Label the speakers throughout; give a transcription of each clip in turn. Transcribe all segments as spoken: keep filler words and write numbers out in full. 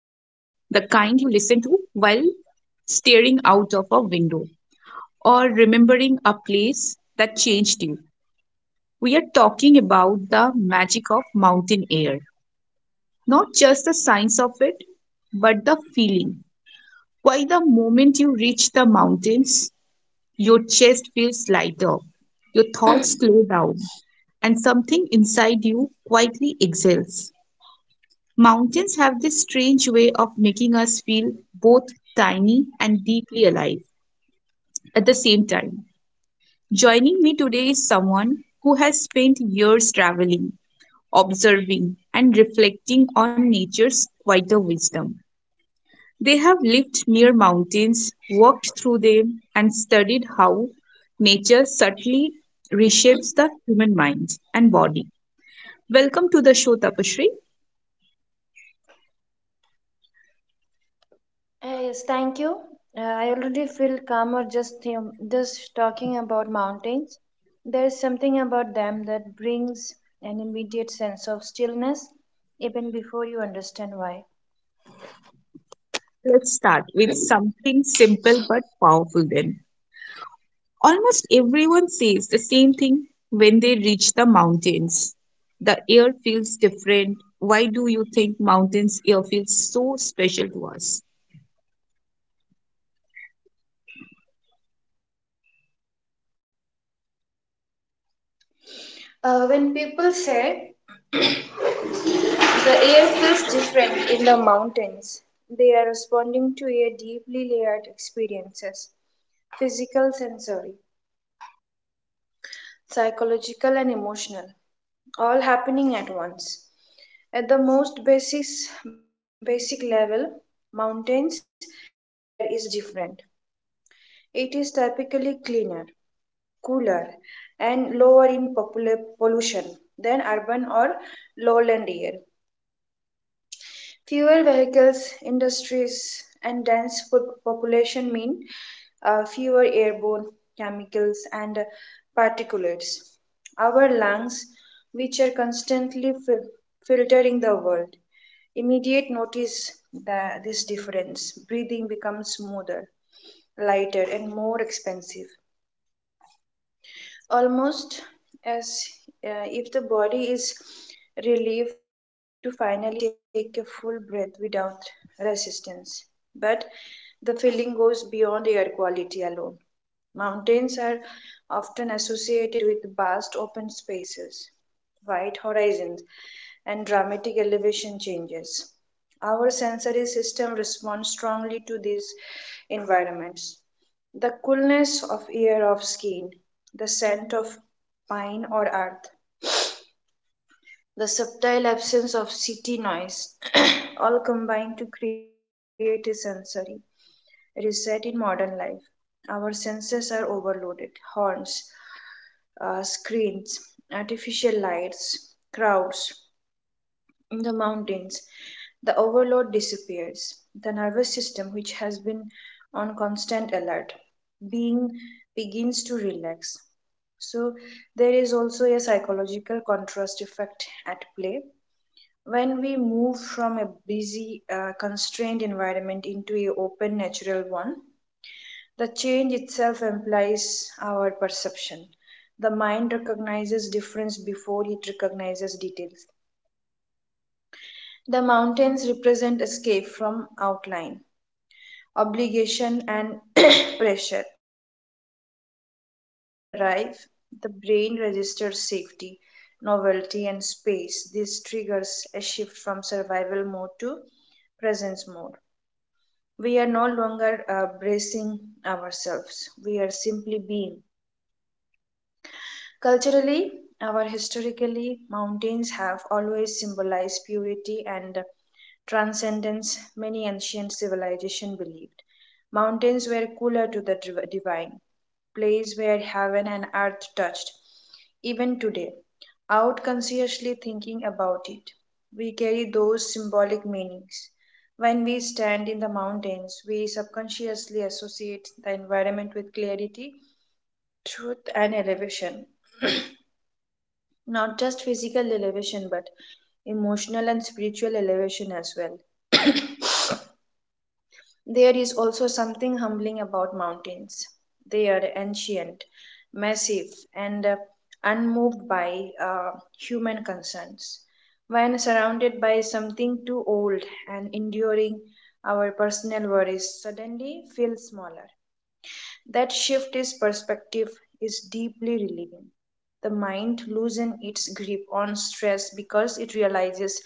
Speaker 1: the kind you listen to while staring out of a window or remembering a place that changed you. We are talking about the magic of mountain air, not just the science of it, but the feeling. Why the moment you reach the mountains, your chest feels lighter, your thoughts slow down, and something inside you quietly exhales. Mountains have this strange way of making us feel both tiny and deeply alive at the same time. Joining me today is someone who has spent years traveling, observing, and reflecting on nature's quieter wisdom. They have lived near mountains, walked through them, and studied how nature subtly reshapes the human mind and body. Welcome to the show, Tapashri.
Speaker 2: Uh, yes, thank you. Uh, I already feel calmer just think, just talking about mountains. There is something about them that brings an immediate sense of stillness, even before you understand why.
Speaker 1: Let's start with something simple but powerful then. Almost everyone says the same thing when they reach the mountains. The air feels different. Why do you think mountains air feels so special to us?
Speaker 2: Uh, when people say the air feels different in the mountains, they are responding to a deeply layered experiences, physical, sensory, psychological, and emotional, all happening at once. At the most basis, basic level, mountains air is different. It is typically cleaner, cooler, and lower in popula- pollution than urban or lowland air. Fewer vehicles, industries, and dense po- population mean uh, fewer airborne chemicals and particulates. Our lungs, which are constantly fil- filtering the world, immediate notice the, this difference. Breathing becomes smoother, lighter, and more expensive almost as uh, if the body is relieved to finally take a full breath without resistance. But the feeling goes beyond air quality alone. Mountains are often associated with vast open spaces, wide horizons, and dramatic elevation changes. Our sensory system responds strongly to these environments. The coolness of air of skin, the scent of pine or earth, the subtle absence of city noise, all combine to create a sensory reset in modern life. Our senses are overloaded horns, uh, screens, artificial lights, crowds. In the mountains, the overload disappears. The nervous system, which has been on constant alert, being begins to relax. So there is also a psychological contrast effect at play. When we move from a busy, uh, constrained environment into a open, natural one, the change itself implies our perception. The mind recognizes difference before it recognizes details. The mountains represent escape from outline, obligation, and pressure. The moment we arrive, the brain registers safety, novelty, and space. This triggers a shift from survival mode to presence mode. We are no longer uh, bracing ourselves, we are simply being. Culturally or historically, mountains have always symbolized purity and transcendence, many ancient civilizations believed. Mountains were cooler to the div- divine, place where heaven and earth touched. Even today, out consciously thinking about it, we carry those symbolic meanings. When we stand in the mountains, we subconsciously associate the environment with clarity, truth, and elevation. Not just physical elevation, but emotional and spiritual elevation as well. There is also something humbling about mountains. They are ancient, massive, and uh, unmoved by uh, human concerns. When surrounded by something too old and enduring, our personal worries suddenly feel smaller. That shift in perspective is deeply relieving. The mind loosens its grip on stress because it realizes,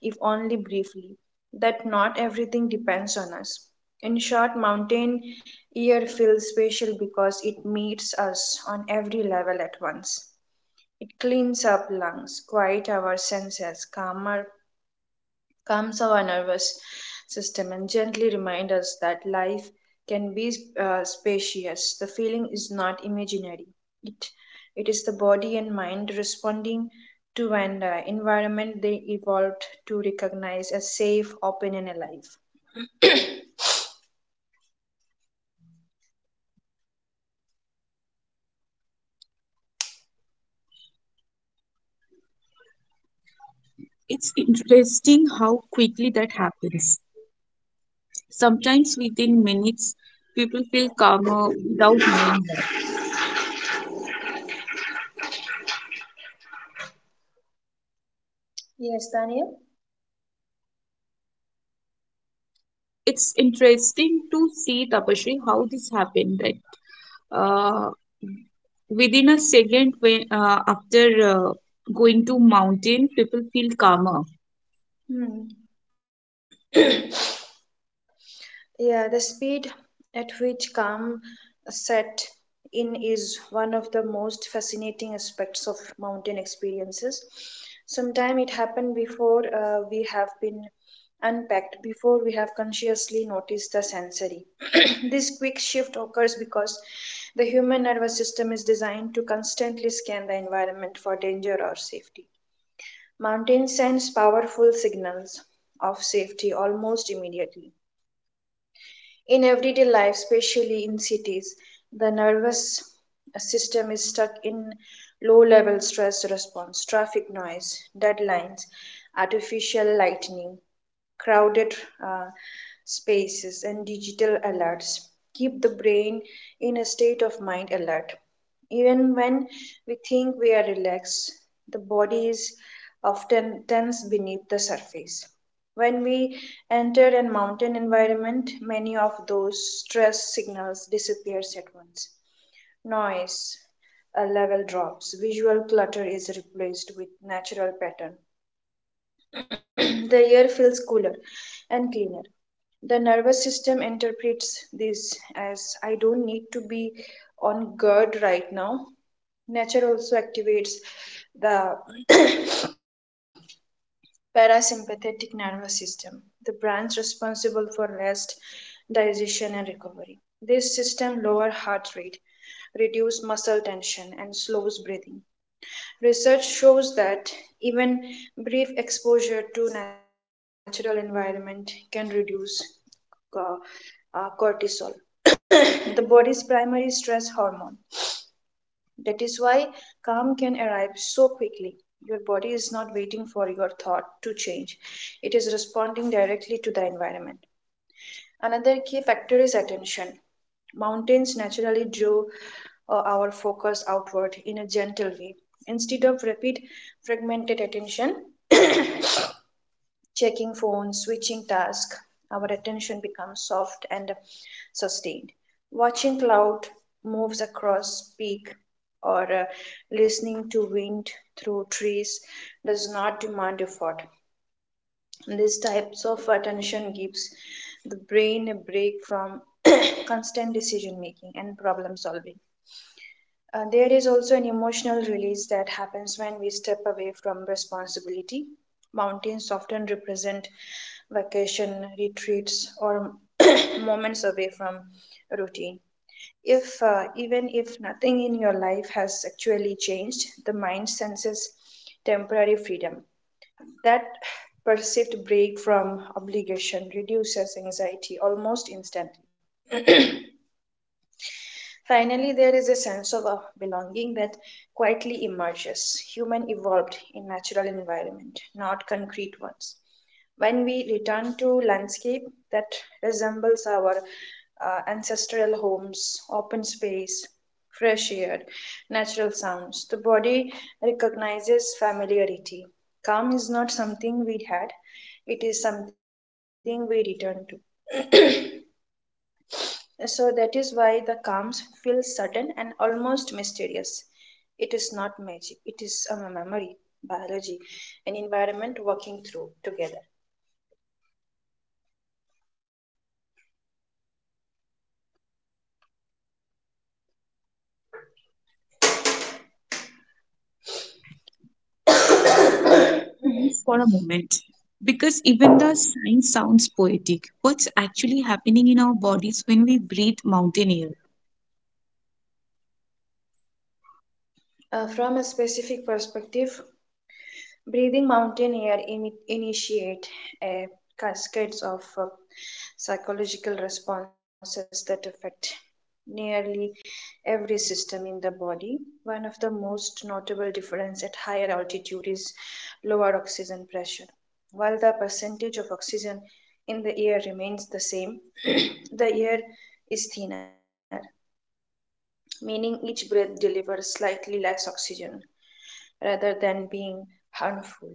Speaker 2: if only briefly, that not everything depends on us. In short, mountain air feels special because it meets us on every level at once. It cleans up lungs, quiet our senses, calmer calms our nervous system and gently remind us that life can be uh, spacious. The feeling is not imaginary. It it is the body and mind responding to an uh, environment they evolved to recognize as safe, open, and alive.
Speaker 1: It's interesting how quickly that happens. Sometimes within minutes, people feel calmer without knowing why.
Speaker 2: Yes, Daniel.
Speaker 1: It's interesting to see Tapashri how this happened that uh, within a second when, uh, after uh, going to mountain people feel calmer.
Speaker 2: Hmm. Yeah, the speed at which calm set in is one of the most fascinating aspects of mountain experiences. Sometimes it happened before uh, we have been unpacked, before we have consciously noticed the sensory. This quick shift occurs because the human nervous system is designed to constantly scan the environment for danger or safety. Mountains sends powerful signals of safety almost immediately in everyday life, especially in cities, the nervous system is stuck in low level stress response, traffic noise, deadlines, artificial lightning, crowded uh, spaces, and digital alerts. Keep the brain in a state of mind alert. Even when we think we are relaxed, the body is often tense beneath the surface. When we enter a mountain environment, many of those stress signals disappears at once. Noise a level drops, visual clutter is replaced with natural pattern. The air feels cooler and cleaner. The nervous system interprets this as I don't need to be on guard right now. Nature also activates the parasympathetic nervous system, the branch responsible for rest, digestion, and recovery. This system lowers heart rate, reduces muscle tension, and slows breathing. Research shows that even brief exposure to natural environment can reduce co- uh, cortisol, the body's primary stress hormone. That is why calm can arrive so quickly. Your body is not waiting for your thought to change, it is responding directly to the environment. Another key factor is attention. Mountains naturally draw uh, our focus outward in a gentle way. Instead of rapid, fragmented attention, checking phones, switching tasks, our attention becomes soft and sustained. Watching cloud moves across peak or uh, listening to wind through trees does not demand effort. These types of attention gives the brain a break from constant decision making and problem solving. Uh, there is also an emotional release that happens when we step away from responsibility. Mountains often represent vacation, retreats, or moments away from routine. If uh, even if nothing in your life has actually changed, the mind senses temporary freedom. That perceived break from obligation reduces anxiety almost instantly. Finally, there is a sense of a belonging that quietly emerges. Human evolved in natural environment, not concrete ones. When we return to landscape that resembles our uh, ancestral homes, open space, fresh air, natural sounds, the body recognizes familiarity. Calm is not something we had, it is something we return to. So that is why the calms feel sudden and almost mysterious. It is not magic, it is a memory, biology, and environment working through together.
Speaker 1: Silence for a moment because even the sign sounds poetic. What's actually happening in our bodies when we breathe mountain air?
Speaker 2: Uh, from a specific perspective, breathing mountain air in, initiate a cascades of uh, psychological responses that affect nearly every system in the body. One of the most notable difference at higher altitude is lower oxygen pressure. While the percentage of oxygen in the air remains the same, the air is thinner, meaning each breath delivers slightly less oxygen rather than being harmful.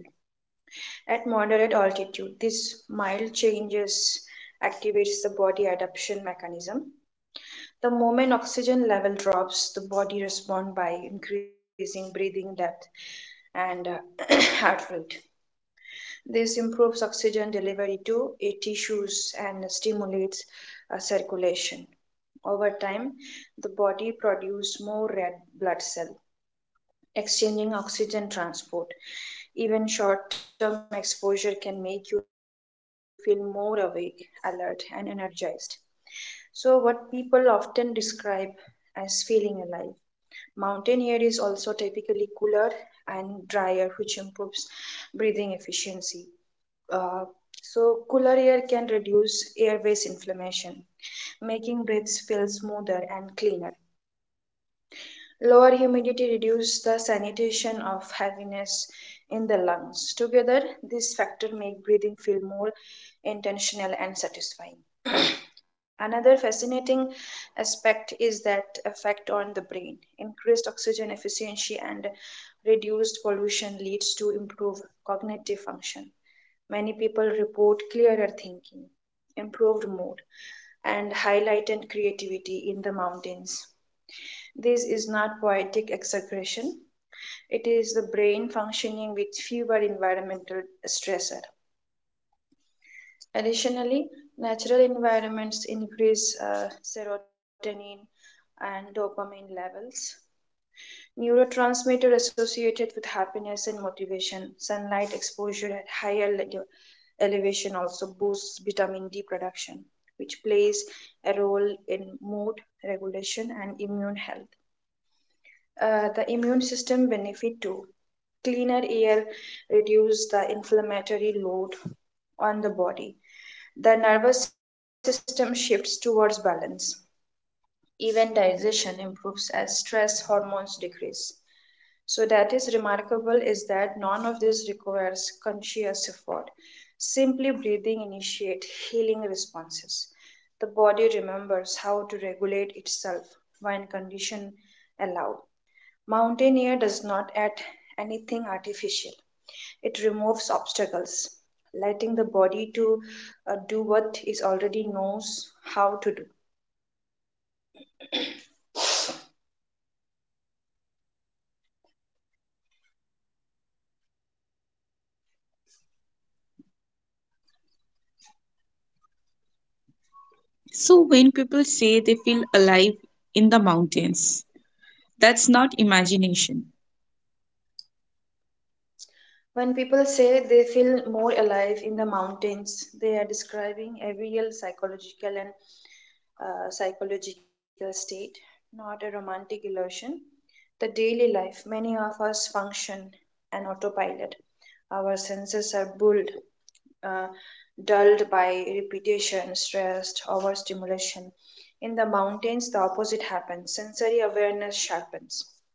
Speaker 2: At moderate altitude, this mild changes activates the body adaptation mechanism. The moment oxygen level drops, the body responds by increasing breathing depth and uh, heart rate. This improves oxygen delivery to uh, tissues and stimulates uh, circulation. Over time, the body produces more red blood cell exchanging oxygen transport. Even short term exposure can make you feel more awake, alert, and energized. So, what people often describe as feeling alive. Mountain air is also typically cooler and drier, which improves breathing efficiency. Uh, so, cooler air can reduce airways inflammation, making breaths feel smoother and cleaner. Lower humidity reduces the sanitation of heaviness in the lungs. Together, these factors make breathing feel more intentional and satisfying. Another fascinating aspect is that effect on the brain. Increased oxygen efficiency and reduced pollution leads to improved cognitive function. Many people report clearer thinking, improved mood, and highlighted creativity in the mountains. This is not poetic exaggeration. It is the brain functioning with fewer environmental stressor. Additionally, natural environments increase uh, serotonin and dopamine levels, neurotransmitter associated with happiness and motivation. Sunlight exposure at higher le- elevation also boosts vitamin D production, which plays a role in mood regulation and immune health. Uh, the immune system benefit too. Cleaner air reduces the inflammatory load on the body. The nervous system shifts towards balance. Even digestion improves as stress hormones decrease. So that is remarkable is that none of this requires conscious effort. Simply breathing initiate healing responses. The body remembers how to regulate itself when condition allow. Mountaineer does not add anything artificial. It removes obstacles, letting the body to uh, do what it already knows how to do.
Speaker 1: So when people say they feel alive in the mountains, that's not imagination.
Speaker 2: When people say they feel more alive in the mountains, they are describing a real psychological and uh, psychological state, not a romantic illusion. The daily life, many of us function an autopilot. Our senses are bulled uh, dulled by repetition, stress, overstimulation. In the mountains, the opposite happens. Sensory awareness sharpens.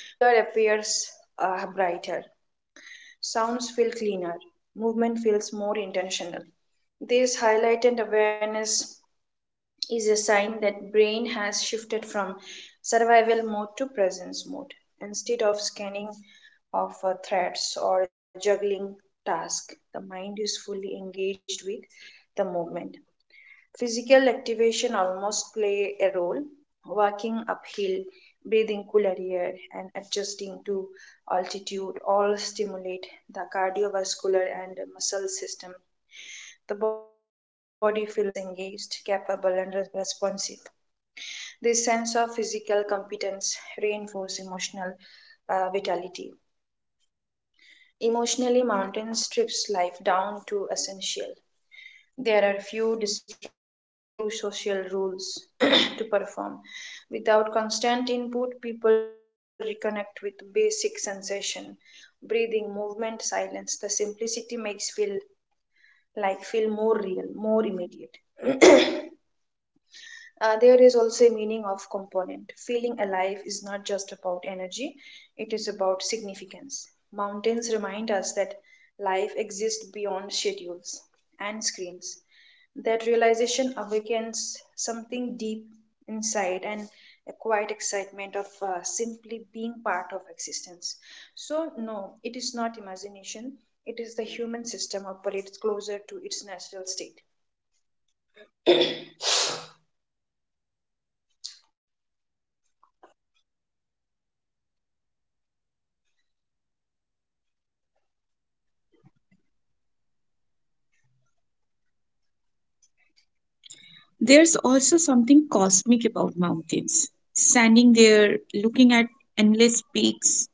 Speaker 2: Cooler appears uh, brighter. Sounds feel cleaner. Movement feels more intentional. This highlighted awareness is a sign that brain has shifted from survival mode to presence mode, instead of scanning of uh, threats or juggling tasks. The mind is fully engaged with the movement. Physical activation almost play a role, walking uphill, breathing cooler air, and adjusting to altitude all stimulate the cardiovascular and muscle system. The body feels engaged, capable, and responsive. This sense of physical competence reinforces emotional uh, vitality. Emotionally, mountain strips life down to essential. There are few distractions, few social rules to perform. Without constant input, people reconnect with basic sensation, breathing, movement, silence. The simplicity makes feel like feel more real, more immediate. Uh, there is also a meaning of component. Feeling alive is not just about energy, it is about significance. Mountains remind us that life exists beyond schedules and screens. That realization awakens something deep inside and a quiet excitement of uh, simply being part of existence. So, no, it is not imagination, it is the human system operates closer to its natural state.
Speaker 1: There's also something cosmic about mountains, standing there looking at endless peaks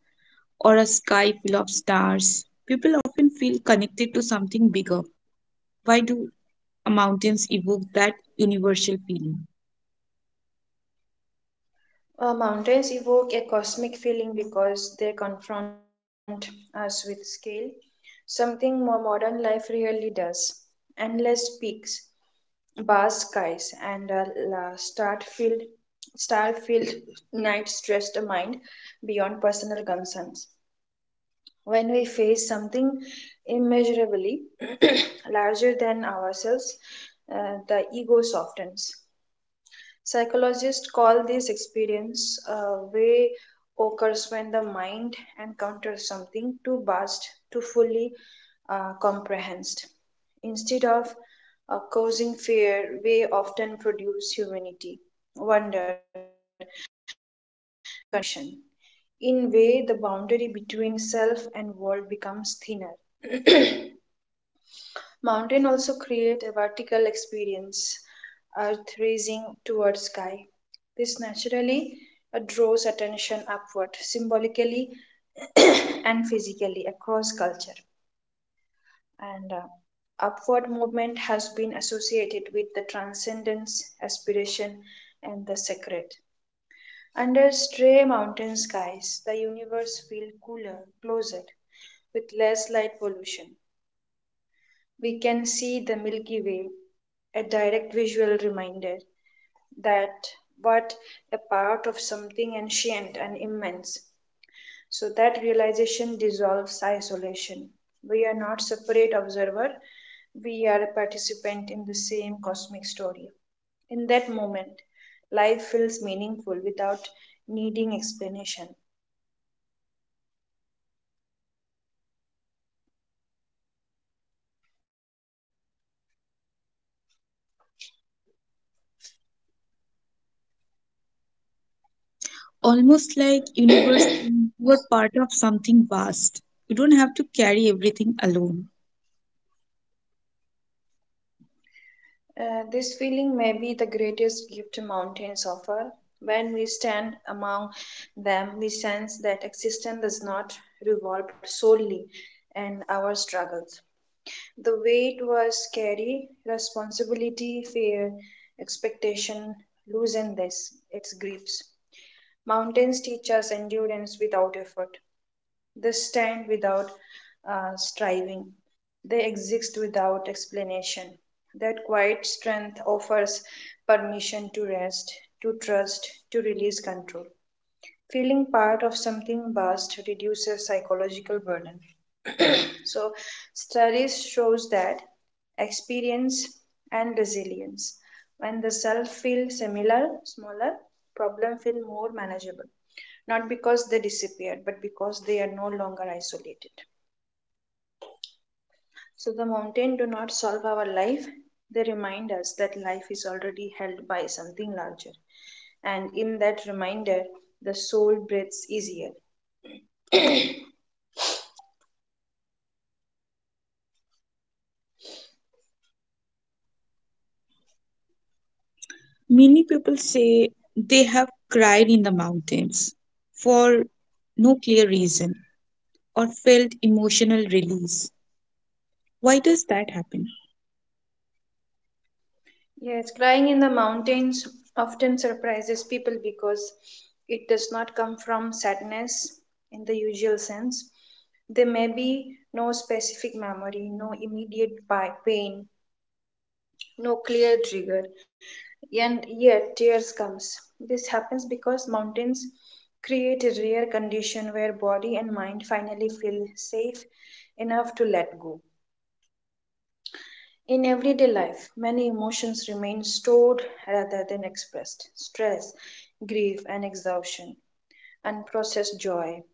Speaker 1: or a sky full of stars, people often feel connected to something bigger. Why do mountains evoke that universal feeling?
Speaker 2: Uh, mountains evoke a cosmic feeling because they confront us with scale, something more modern life really does. Endless peaks, vast skies, and a la- star-filled, star-filled night stress the mind beyond personal concerns. When we face something immeasurably larger than ourselves, uh, the ego softens. Psychologists call this experience a way occurs when the mind encounters something too vast to fully uh, comprehend. Instead of uh, causing fear, we often produce humanity, wonder, and connection. In way, the boundary between self and world becomes thinner. Mountain also create a vertical experience, earth rising towards sky. This naturally uh, draws attention upward, symbolically and physically across culture. And uh, upward movement has been associated with the transcendence, aspiration, and the sacred. Under stray mountain skies, the universe feels cooler, closer, with less light pollution. we can see the Milky Way, a direct visual reminder that what a part of something ancient and immense. So that realization dissolves isolation. We are not separate observer, we are a participant in the same cosmic story. In that moment, life feels meaningful without needing explanation.
Speaker 1: Almost like universe, you are part of something vast. You don't have to carry everything alone.
Speaker 2: Uh, this feeling may be the greatest gift mountains offer. When we stand among them, we sense that existence does not revolve solely in our struggles. The weight was scary, responsibility, fear, expectation loosen this, its grips. Mountains teach us endurance without effort. They stand without uh, striving. They exist without explanation. That quiet strength offers permission to rest, to trust, to release control. Feeling part of something vast reduces psychological burden. So studies shows that experience and resilience. When the self feels similar, smaller, problem feel more manageable. Not because they disappeared, but because they are no longer isolated. So the mountain do not solve our life. They remind us that life is already held by something larger. And in that reminder, the soul breathes easier.
Speaker 1: Many people say they have cried in the mountains for no clear reason or felt emotional release. Why does that happen?
Speaker 2: Yes, crying in the mountains often surprises people because it does not come from sadness in the usual sense. There may be no specific memory, no immediate pa- pain, no clear trigger, and yet tears comes. This happens because mountains create a rare condition where body and mind finally feel safe enough to let go. In everyday life, many emotions remain stored rather than expressed stress, grief, and exhaustion, unprocessed joy,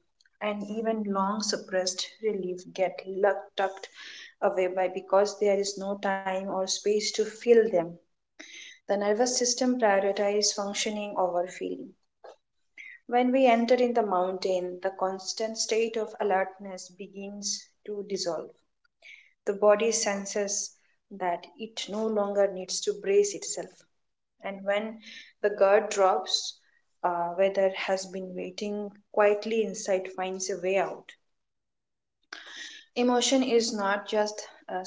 Speaker 2: and even long suppressed relief get luck- tucked away by because there is no time or space to feel them. The nervous system prioritizes functioning over feeling. When we enter in the mountain, the constant state of alertness begins to dissolve the body senses that it no longer needs to brace itself. And when the guard drops, uh, where there has been waiting quietly inside finds a way out. Emotion is not just uh,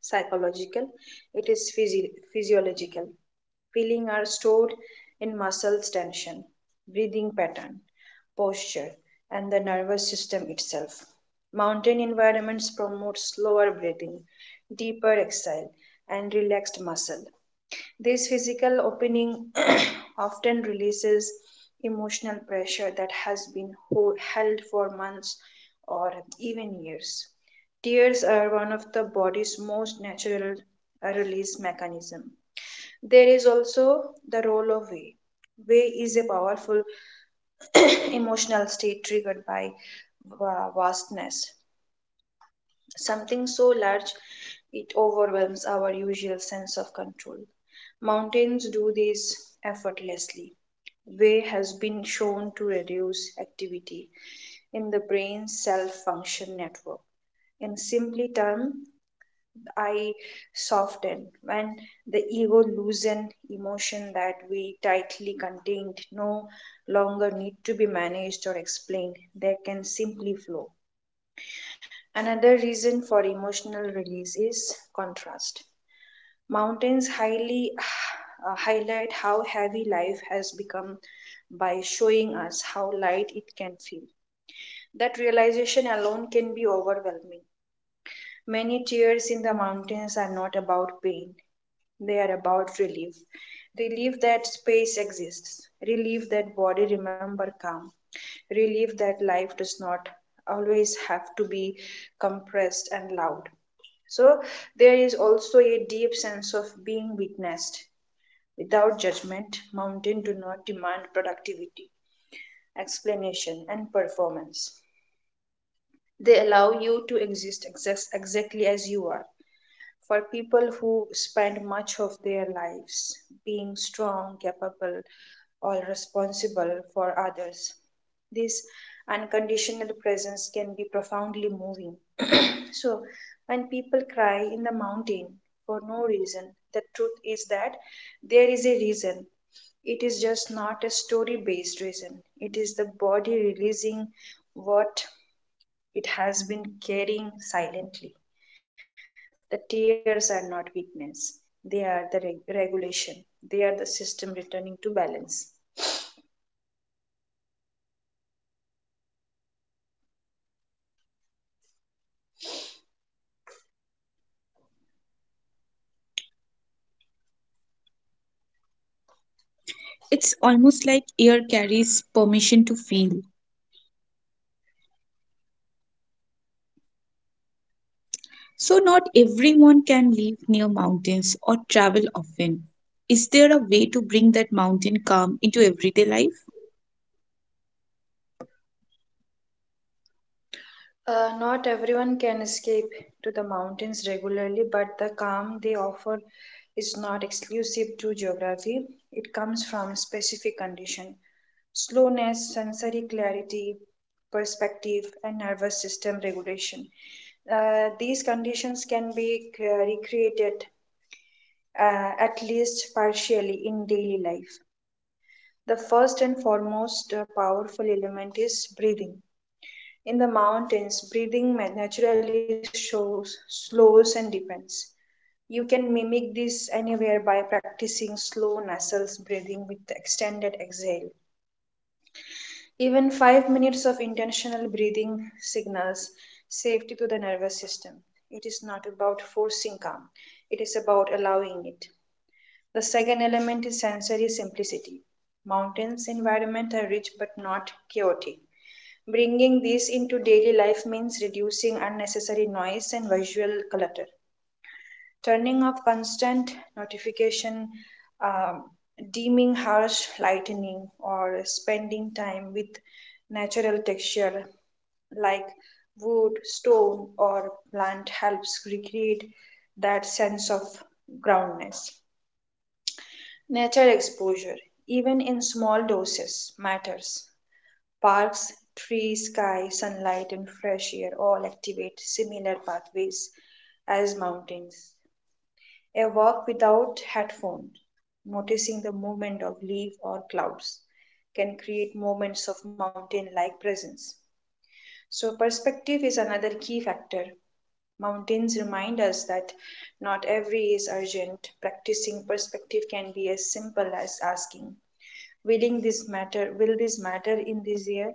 Speaker 2: psychological, it is physi- physiological Feelings are stored in muscles tension, breathing pattern, posture, and the nervous system itself. Mountain environments promote slower breathing, deeper exhale, and relaxed muscle. This physical opening often releases emotional pressure that has been ho- held for months or even years. Tears are one of the body's most natural uh, release mechanism. There is also the role of way. Way is a powerful emotional state triggered by va- vastness. Something so large it overwhelms our usual sense of control. Mountains do this effortlessly. Way has been shown to reduce activity in the brain's self function network. In simply term, I soften when the ego loosen emotion that we tightly contained no longer need to be managed or explained. They can simply flow. Another reason for emotional release is contrast. Mountains highly uh, highlight how heavy life has become by showing us how light it can feel. That realization alone can be overwhelming. Many tears in the mountains are not about pain, they are about relief. Relief that space exists. Relief that body remember calm. Relief that life does not always have to be compressed and loud. So there is also a deep sense of being witnessed. Without judgment, mountain do not demand productivity, explanation, and performance. They allow you to exist exact- exactly as you are for people who spend much of their lives being strong, capable, or responsible for others. This unconditional presence can be profoundly moving. so, when people cry in the mountain for no reason, the truth is that there is a reason. It is just not a story based reason, it is the body releasing what it has been carrying silently. The tears are not weakness, they are the reg- regulation, they are the system returning to balance.
Speaker 1: It's almost like air carries permission to feel. So, not everyone can live near mountains or travel often. Is there a way to bring that mountain calm into everyday life?
Speaker 2: Uh, not everyone can escape to the mountains regularly, but the calm they offer is not exclusive to geography. It comes from specific condition. Slowness, sensory clarity, perspective, and nervous system regulation. Uh, these conditions can be uh, recreated uh, at least partially in daily life. The first and foremost uh, powerful element is breathing. In the mountains, breathing naturally shows, slows, and depends. You can mimic this anywhere by practicing slow nasal breathing with extended exhale. Even five minutes of intentional breathing signals safety to the nervous system. It is not about forcing calm, it is about allowing it. The second element is sensory simplicity. Mountains' environment are rich but not chaotic. Bringing these into daily life means reducing unnecessary noise and visual clutter. Turning off constant notification, um, dimming harsh lightning, or spending time with natural texture like wood, stone, or plant helps recreate that sense of groundness. Nature exposure, even in small doses, matters. Parks, trees, sky, sunlight, and fresh air all activate similar pathways as mountains. A walk without headphones, noticing the movement of leaf or clouds, can create moments of mountain like presence. So, perspective is another key factor. Mountains remind us that not every is urgent. Practicing perspective can be as simple as asking, willing this matter will this matter in this year,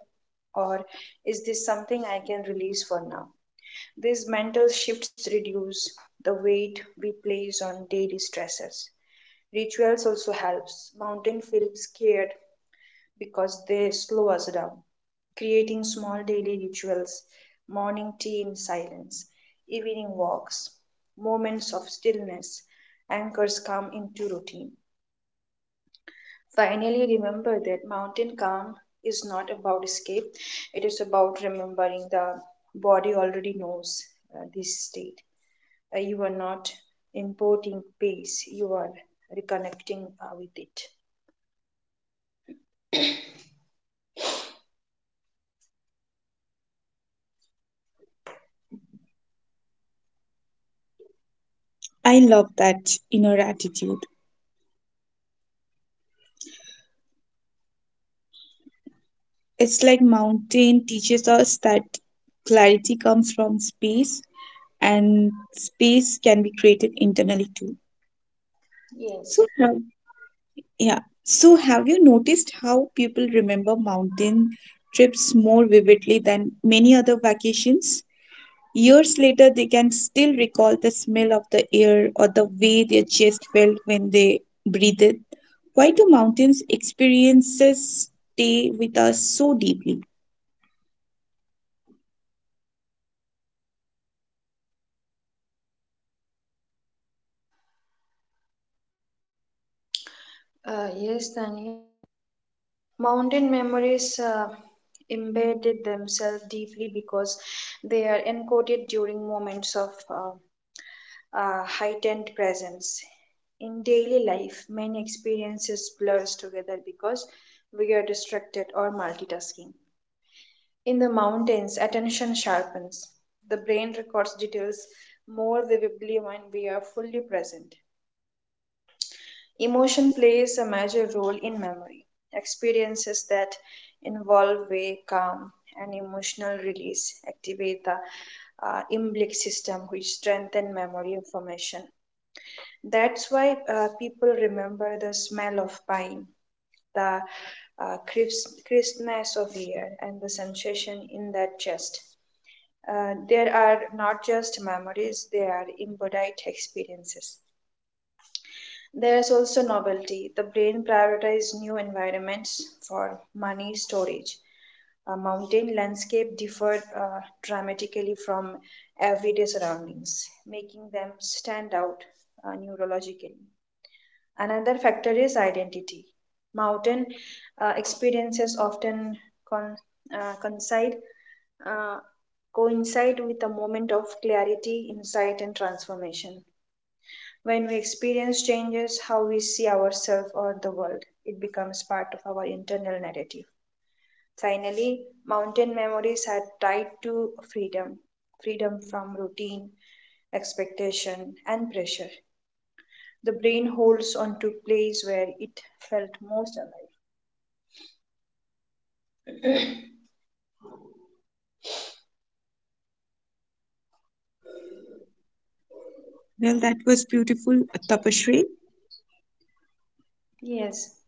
Speaker 2: or is this something i can release for now? These mental shifts reduce the weight we place on daily stressors. Rituals also helps mountain feels scared because they slow us down. Creating small daily rituals, morning tea in silence, evening walks, moments of stillness, anchors come into routine. Finally, remember that mountain calm is not about escape, it is about remembering the body already knows uh, this state. Uh, you are not importing peace, you are reconnecting uh, with it.
Speaker 1: I love that inner attitude. It's like mountain teaches us that clarity comes from space and space can be created internally too. So,
Speaker 2: Yes.
Speaker 1: have- yeah. So, have you noticed how people remember mountain trips more vividly than many other vacations? Years later, they can still recall the smell of the air or the way their chest felt when they breathed. Why do mountains' experiences stay with us so deeply?
Speaker 2: Uh, yes, Tani. Mountain memories uh, embedded themselves deeply because they are encoded during moments of uh, uh, heightened presence. In daily life, many experiences blurs together because we are distracted or multitasking. In the mountains, attention sharpens. The brain records details more vividly when we are fully present. Emotion plays a major role in memory. Experiences that involve way, calm, and emotional release activate the uh, limbic system, which strengthen memory information. That's why uh, people remember the smell of pine, the uh, crisp, crispness of air, and the sensation in that chest. Uh, there are not just memories, they are embodied experiences. There is also novelty. The brain prioritizes new environments for money storage. A mountain landscape differed uh, dramatically from everyday surroundings, making them stand out uh, neurologically. Another factor is identity. Mountain uh, experiences often con- uh, coincide, uh, coincide with a moment of clarity, insight, and transformation. When we experience changes, how we see ourselves or the world, it becomes part of our internal narrative. Finally, mountain memories are tied to freedom freedom from routine, expectation, and pressure. The brain holds on to place where it felt most alive.
Speaker 1: Well, that was beautiful, Tapashri.
Speaker 2: Yes,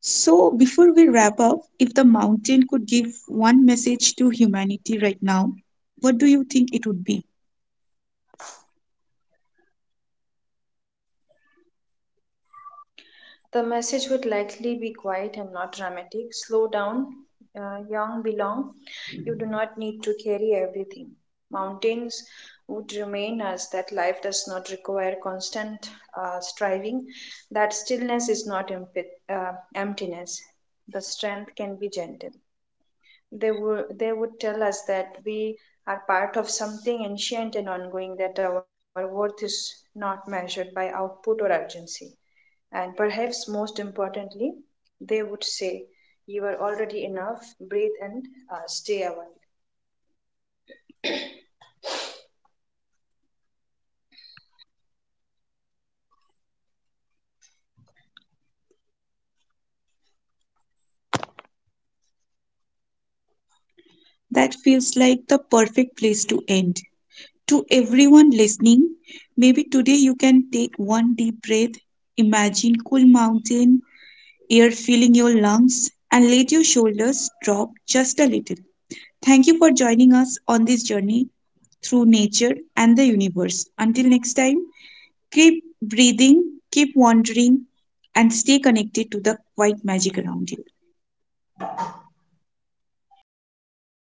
Speaker 1: So, before we wrap up, if the mountain could give one message to humanity right now, what do you think it would be?
Speaker 2: the message would likely be quiet and not dramatic. Slow down, uh, young belong. You do not need to carry everything. Mountains would remain as that life does not require constant uh, striving. That stillness is not emp- uh, emptiness. The strength can be gentle. they would they would tell us that we are part of something ancient and ongoing, that our worth is not measured by output or urgency, and perhaps most importantly, they would say you are already enough. Breathe and uh, stay awake.
Speaker 1: That feels like the perfect place to end. To everyone listening, maybe today you can take one deep breath, imagine cool mountain air filling your lungs, and let your shoulders drop just a little. Thank you for joining us on this journey through nature and the universe. Until next time, keep breathing, keep wandering, and stay connected to the white magic around you.